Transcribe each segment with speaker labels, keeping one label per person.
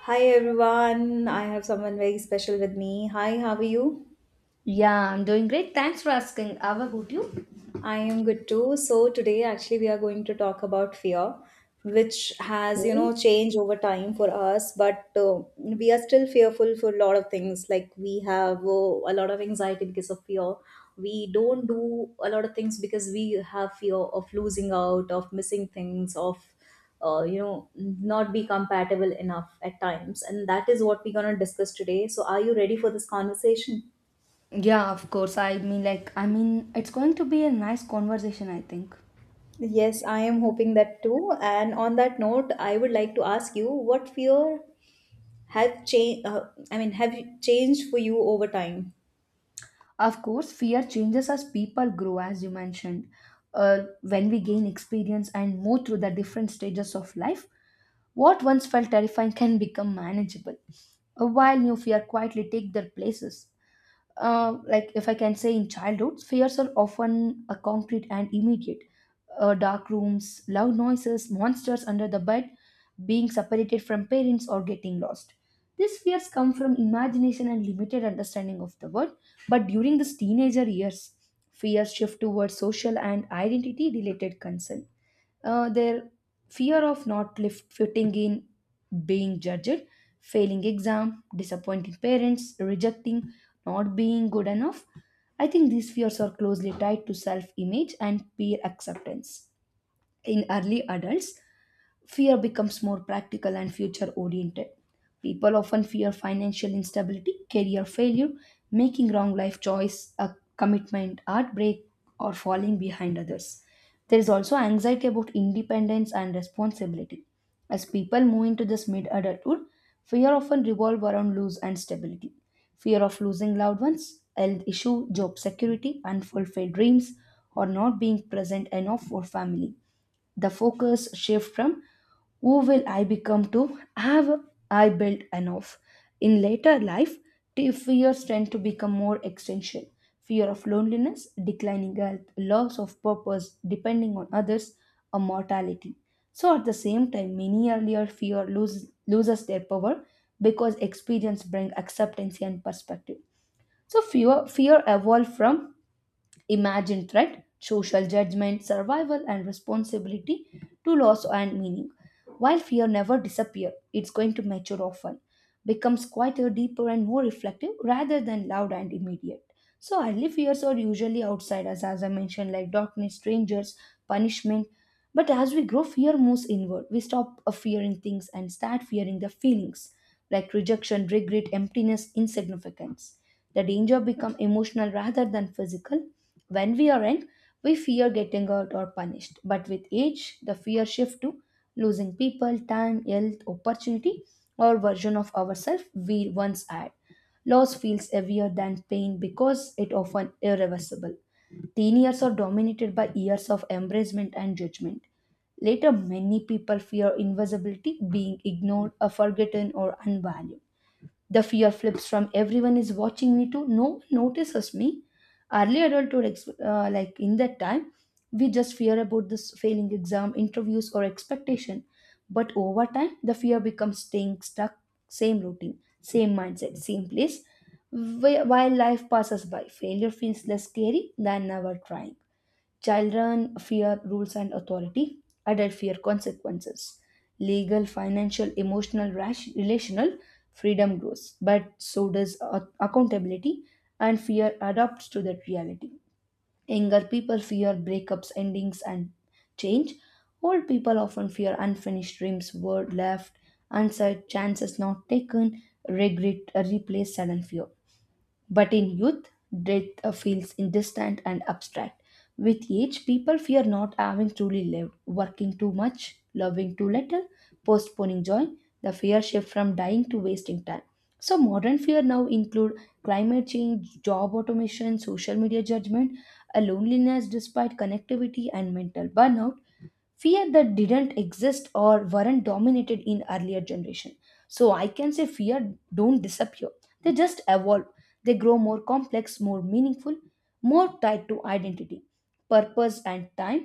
Speaker 1: Hi everyone, I have someone very special with me. Hi, how are you?
Speaker 2: Yeah, I'm doing great. Thanks for asking. How about you?
Speaker 1: I am good too. So today actually we are going to talk about fear, which has, you
Speaker 2: Okay.
Speaker 1: know, changed over time for us, but we are still fearful for a lot of things. Like we have a lot of anxiety because of fear. We don't do a lot of things because we have fear of losing out, of missing things, of not be compatible enough at times. And that is what we're gonna discuss today. So are you ready for this conversation?
Speaker 2: Yeah, of course. I mean, it's going to be a nice conversation, I think.
Speaker 1: Yes, I am hoping that too. And on that note, I would like to ask you what fear have changed changed for you over time?
Speaker 2: Of course, fear changes as people grow, as you mentioned. When we gain experience and move through the different stages of life, what once felt terrifying can become manageable, while new fear quietly take their places. Like if I can say in childhood, fears are often a concrete and immediate. Dark rooms, loud noises, monsters under the bed, being separated from parents, or getting lost. These fears come from imagination and limited understanding of the world. But during these teenager years, fears shift towards social and identity related concern, their fear of not lif- fitting in, being judged, failing exam, disappointing parents, rejecting, not being good enough. I think these fears are closely tied to self image and peer acceptance. In early adults, fear becomes more practical and future oriented. People often fear financial instability, career failure, making wrong life choice, a commitment, heartbreak, or falling behind others. There is also anxiety about independence and responsibility. As people move into this mid adulthood, fear often revolve around loss and stability. Fear of losing loved ones, health issue, job security, unfulfilled dreams, or not being present enough for family. The focus shift from who will I become to have I built enough. In later life, fears tend to become more existential. Fear of loneliness, declining health, loss of purpose, depending on others, or mortality. So at the same time, many earlier fear lose, loses their power because experience brings acceptance and perspective. So fear evolved from imagine threat, social judgment, survival, and responsibility to loss and meaning. While fear never disappears, it's going to mature often, becomes quieter, deeper, and more reflective rather than loud and immediate. So early fears are usually outsiders, as I mentioned, like darkness, strangers, punishment. But as we grow, fear moves inward. We stop fearing things and start fearing the feelings like rejection, regret, emptiness, insignificance. The danger become emotional rather than physical. When we are young, we fear getting hurt or punished, but with age, the fear shifts to losing people, time, health, opportunity, or version of ourselves we once had. Loss feels heavier than pain because it often irreversible. Teen years are dominated by years of embracement and judgment. Later, many people fear invisibility, being ignored, or forgotten, or unvalued. The fear flips from everyone is watching me to no one notices me. Early adulthood, like in that time, we just fear about this failing exam, interviews, or expectation. But over time, the fear becomes staying stuck, same routine, same mindset, same place. While life passes by, failure feels less scary than never trying. Children fear rules and authority. Adult fear consequences. Legal, financial, emotional, rash, relational freedom grows, but so does accountability, and fear adapts to that reality. Younger people fear breakups, endings, and change. Old people often fear unfinished dreams, word left, unsaid chances not taken, regret, replace sudden fear. But in youth, death feels distant and abstract. With age, people fear not having truly lived, working too much, loving too little, postponing joy. The fear shift from dying to wasting time. So modern fear now include climate change, job automation, social media judgment, a loneliness despite connectivity, and mental burnout fear that didn't exist or weren't dominated in earlier generation. So I can say fear don't disappear, they just evolve, they grow more complex, more meaningful, more tied to identity, purpose and time.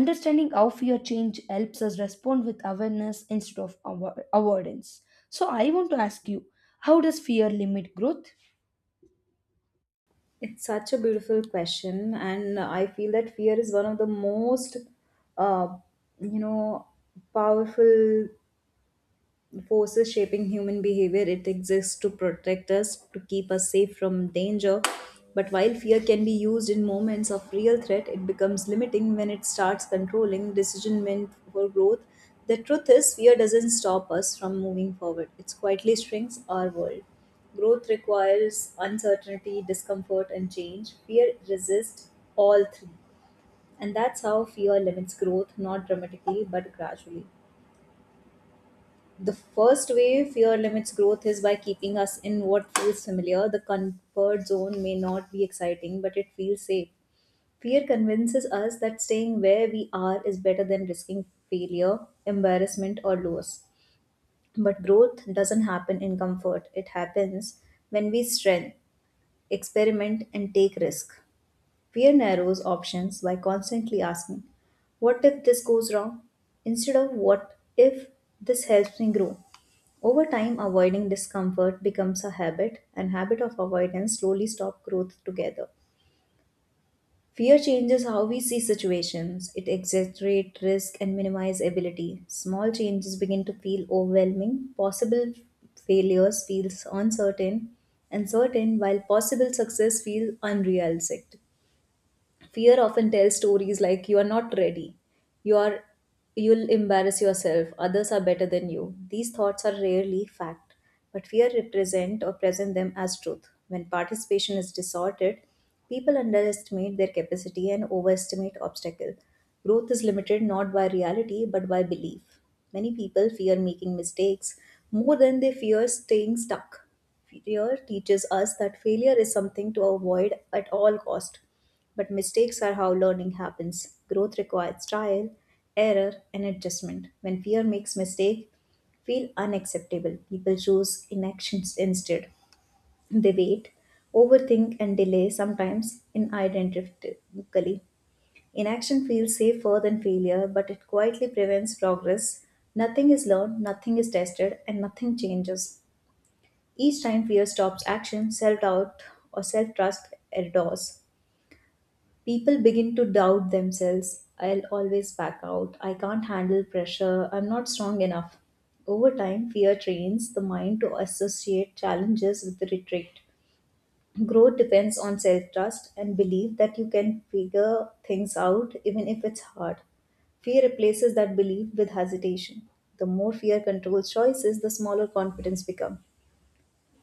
Speaker 2: Understanding how fear change helps us respond with awareness instead of avoidance. So I want to ask you, how does fear limit growth?
Speaker 1: It's such a beautiful question and I feel that fear is one of the most uh, you know powerful forces shaping human behavior. It exists to protect us, to keep us safe from danger. But while fear can be used in moments of real threat, it becomes limiting when it starts controlling decision meant for growth. The truth is, fear doesn't stop us from moving forward, it quietly shrinks our world. Growth requires uncertainty, discomfort, and change. Fear resists all three. And that's how fear limits growth, not dramatically, but gradually. The first way fear limits growth is by keeping us in what feels familiar. The comfort zone may not be exciting, but it feels safe. Fear convinces us that staying where we are is better than risking failure, embarrassment, or loss. But growth doesn't happen in comfort, it happens when we strengthen, experiment, and take risk. Fear narrows options by constantly asking, "What if this goes wrong?" instead of "What if this helps me grow?" Over time, avoiding discomfort becomes a habit, and habit of avoidance slowly stop growth together. Fear changes how we see situations. It exaggerates risk and minimizes ability. Small changes begin to feel overwhelming. Possible failures feels uncertain, and certain while possible success feels unrealistic. Fear often tells stories like you are not ready, you are you'll embarrass yourself, others are better than you. These thoughts are rarely fact, but fear represent or present them as truth. When participation is distorted, people underestimate their capacity and overestimate obstacle. Growth is limited not by reality but by belief. Many people fear making mistakes more than they fear staying stuck. Fear teaches us that failure is something to avoid at all cost, but mistakes are how learning happens. Growth requires trial, error, and adjustment. When fear makes mistake feel unacceptable, people choose inactions instead. They wait, overthink, and delay sometimes inidentifically. Inaction feels safer than failure, but it quietly prevents progress. Nothing is learned, nothing is tested, and nothing changes. Each time fear stops action, self doubt or self trust erodes. People begin to doubt themselves. I'll always back out. I can't handle pressure. I'm not strong enough. Over time, fear trains the mind to associate challenges with retreat. Growth depends on self trust and belief that you can figure things out even if it's hard. Fear replaces that belief with hesitation. The more fear controls choices, the smaller confidence becomes.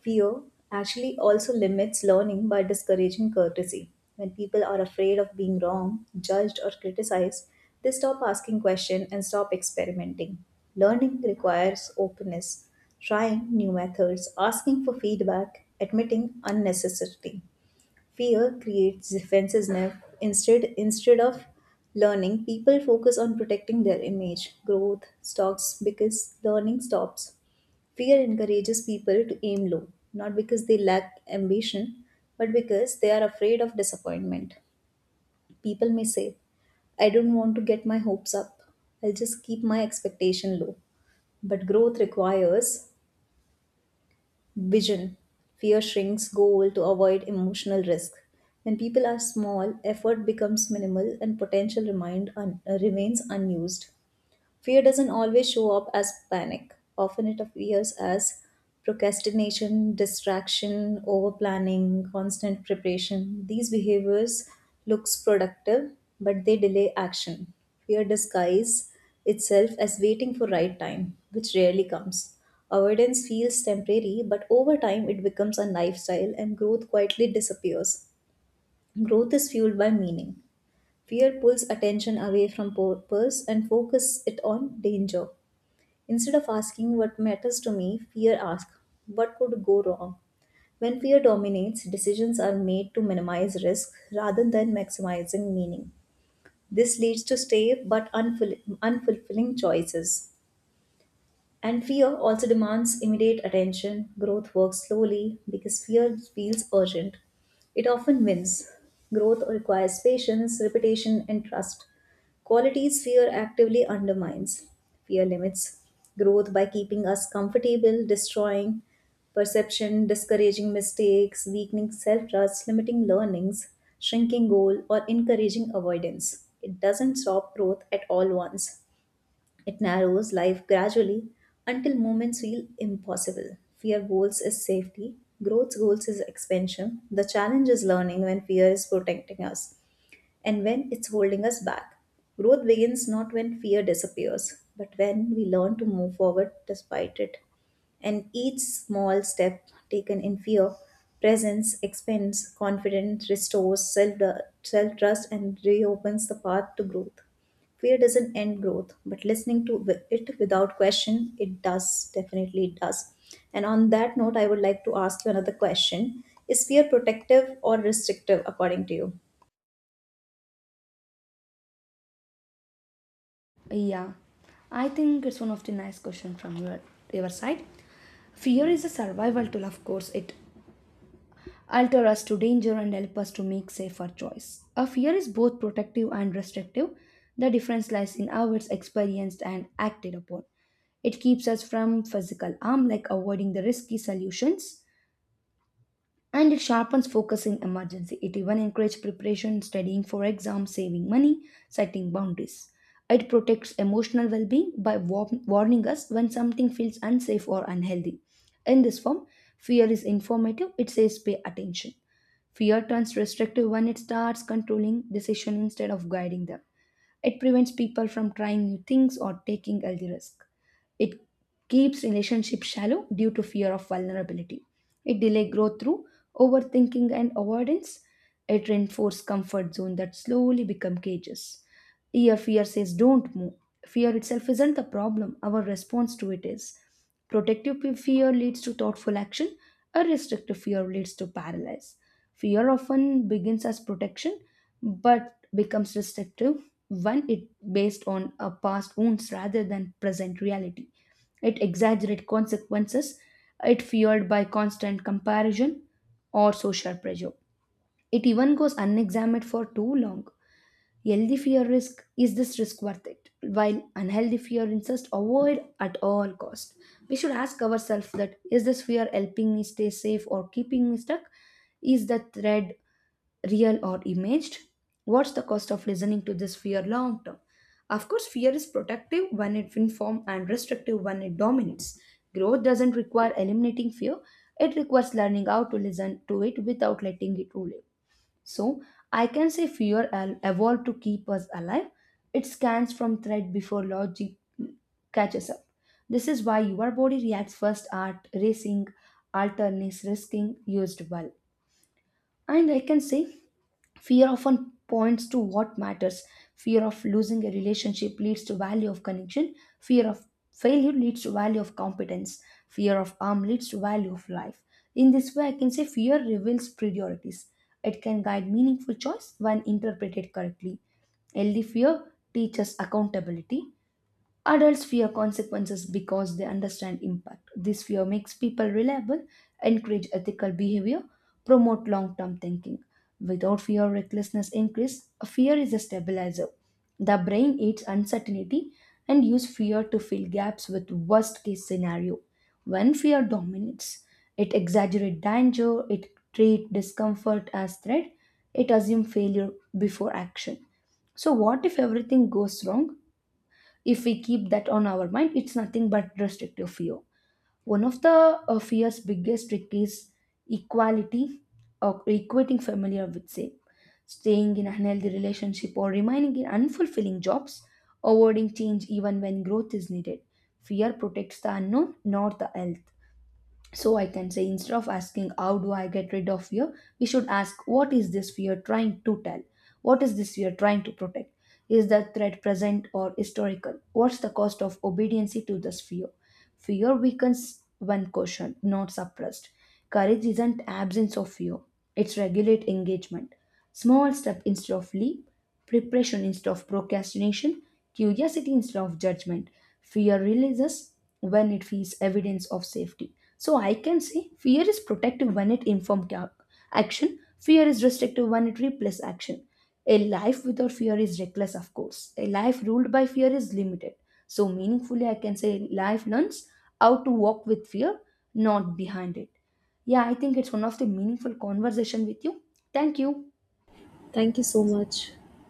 Speaker 1: Fear actually also limits learning by discouraging courtesy. When people are afraid of being wrong, judged, or criticized, they stop asking questions and stop experimenting. Learning requires openness, trying new methods, asking for feedback, admitting unnecessarily. Fear creates defensiveness. Instead of learning, people focus on protecting their image. Growth stops because learning stops. Fear encourages people to aim low, not because they lack ambition, but because they are afraid of disappointment. People may say, I don't want to get my hopes up. I'll just keep my expectation low. But growth requires vision. Fear shrinks goal to avoid emotional risk. When people are small, effort becomes minimal and potential remains unused. Fear doesn't always show up as panic. Often it appears as procrastination, distraction, over planning, constant preparation. These behaviors looks productive, but they delay action. Fear disguises itself as waiting for right time, which rarely comes. Avoidance feels temporary, but over time it becomes a lifestyle and growth quietly disappears. Growth is fueled by meaning. Fear pulls attention away from purpose and focuses it on danger. Instead of asking what matters to me, fear asks, what could go wrong? When fear dominates, decisions are made to minimize risk rather than maximizing meaning. This leads to safe but unfulfilling choices. And fear also demands immediate attention. Growth works slowly because fear feels urgent. It often wins. Growth requires patience, repetition, and trust. Qualities fear actively undermines. Fear limits growth by keeping us comfortable, destroying perception, discouraging mistakes, weakening self trust, limiting learnings, shrinking goal, or encouraging avoidance. It doesn't stop growth at all once. It narrows life gradually until moments feel impossible. Fear goals is safety, growth goals is expansion. The challenge is learning when fear is protecting us and when it's holding us back. Growth begins not when fear disappears, but when we learn to move forward despite it. And each small step taken in fear, presence expands confidence, restores self trust, and reopens the path to growth. Fear doesn't end growth, but listening to it without question, it does, definitely it does. And on that note, I would like to ask you another question. Is fear protective or restrictive according to you?
Speaker 2: Yeah, I think it's one of the nice question from your side. Fear is a survival tool, of course. It alter us to danger and help us to make safer choice. A fear is both protective and restrictive. The difference lies in how it's experienced and acted upon. It keeps us from physical harm like avoiding the risky solutions, and it sharpens focus in emergency. It even encourages preparation, studying for exams, saving money, setting boundaries. It protects emotional well being by warning us when something feels unsafe or unhealthy. In this form, fear is informative, it says pay attention. Fear turns restrictive when it starts controlling decision instead of guiding them. It prevents people from trying new things or taking healthy risk. It keeps relationships shallow due to fear of vulnerability. It delays growth through overthinking and avoidance. It reinforces comfort zone that slowly become cages. Here fear says don't move. Fear itself isn't the problem. Our response to it is. Fear leads to thoughtful action. A restrictive fear leads to paralysis. Fear often begins as protection but becomes restrictive when it based on a past wounds rather than present reality. It exaggerates consequences, it fueled by constant comparison or social pressure. It even goes unexamined for too long. Healthy fear risk is this risk worth it? While unhealthy fear insists avoid at all cost. We should ask ourselves that is this fear helping me stay safe or keeping me stuck? Is the thread real or imaged? What's the cost of listening to this fear long term? Of course, fear is protective when it informs and restrictive when it dominates. Growth doesn't require eliminating fear, it requires learning how to listen to it without letting it rule you. So, I can say fear evolved to keep us alive. It scans from threat before logic catches up. This is why your body reacts first at racing, alternates risking used well. And I can say fear often points to what matters. Fear of losing a relationship leads to value of connection. Fear of failure leads to value of competence. Fear of harm leads to value of life. In this way I can say fear reveals priorities. It can guide meaningful choice when interpreted correctly. Healthy fear teaches accountability. Adults fear consequences because they understand impact. This fear makes people reliable, encourage ethical behavior, promote long term thinking. Without fear, recklessness increase. Fear is a stabilizer. The brain eats uncertainty and use fear to fill gaps with worst case scenario. When fear dominates, it exaggerates danger, it treats discomfort as threat, it assumes failure before action. So, what if everything goes wrong? If we keep that on our mind, it's nothing but restrictive fear. One of the Fear's biggest trick is equality, or equating familiar with would say, staying in unhealthy relationship or remaining in unfulfilling jobs, avoiding change even when growth is needed. Fear protects the unknown, not the health. So I can say instead of asking how do I get rid of fear, we should ask what is this fear trying to tell? What is this fear trying to protect? Is the threat present or historical? What's the cost of obedience to this fear? Fear weakens when cautioned, not suppressed. Courage isn't absence of fear, it's regulate engagement. Small step instead of leap, preparation instead of procrastination, curiosity instead of judgment. Fear releases when it feels evidence of safety. So I can say fear is protective when it informs action, fear is restrictive when it replaces action. A life without fear is reckless, of course. A life ruled by fear is limited. So, meaningfully, I can say life learns how to walk with fear, not behind it. Yeah, I think it's one of the meaningful conversation with you. Thank you.
Speaker 1: Thank you so much.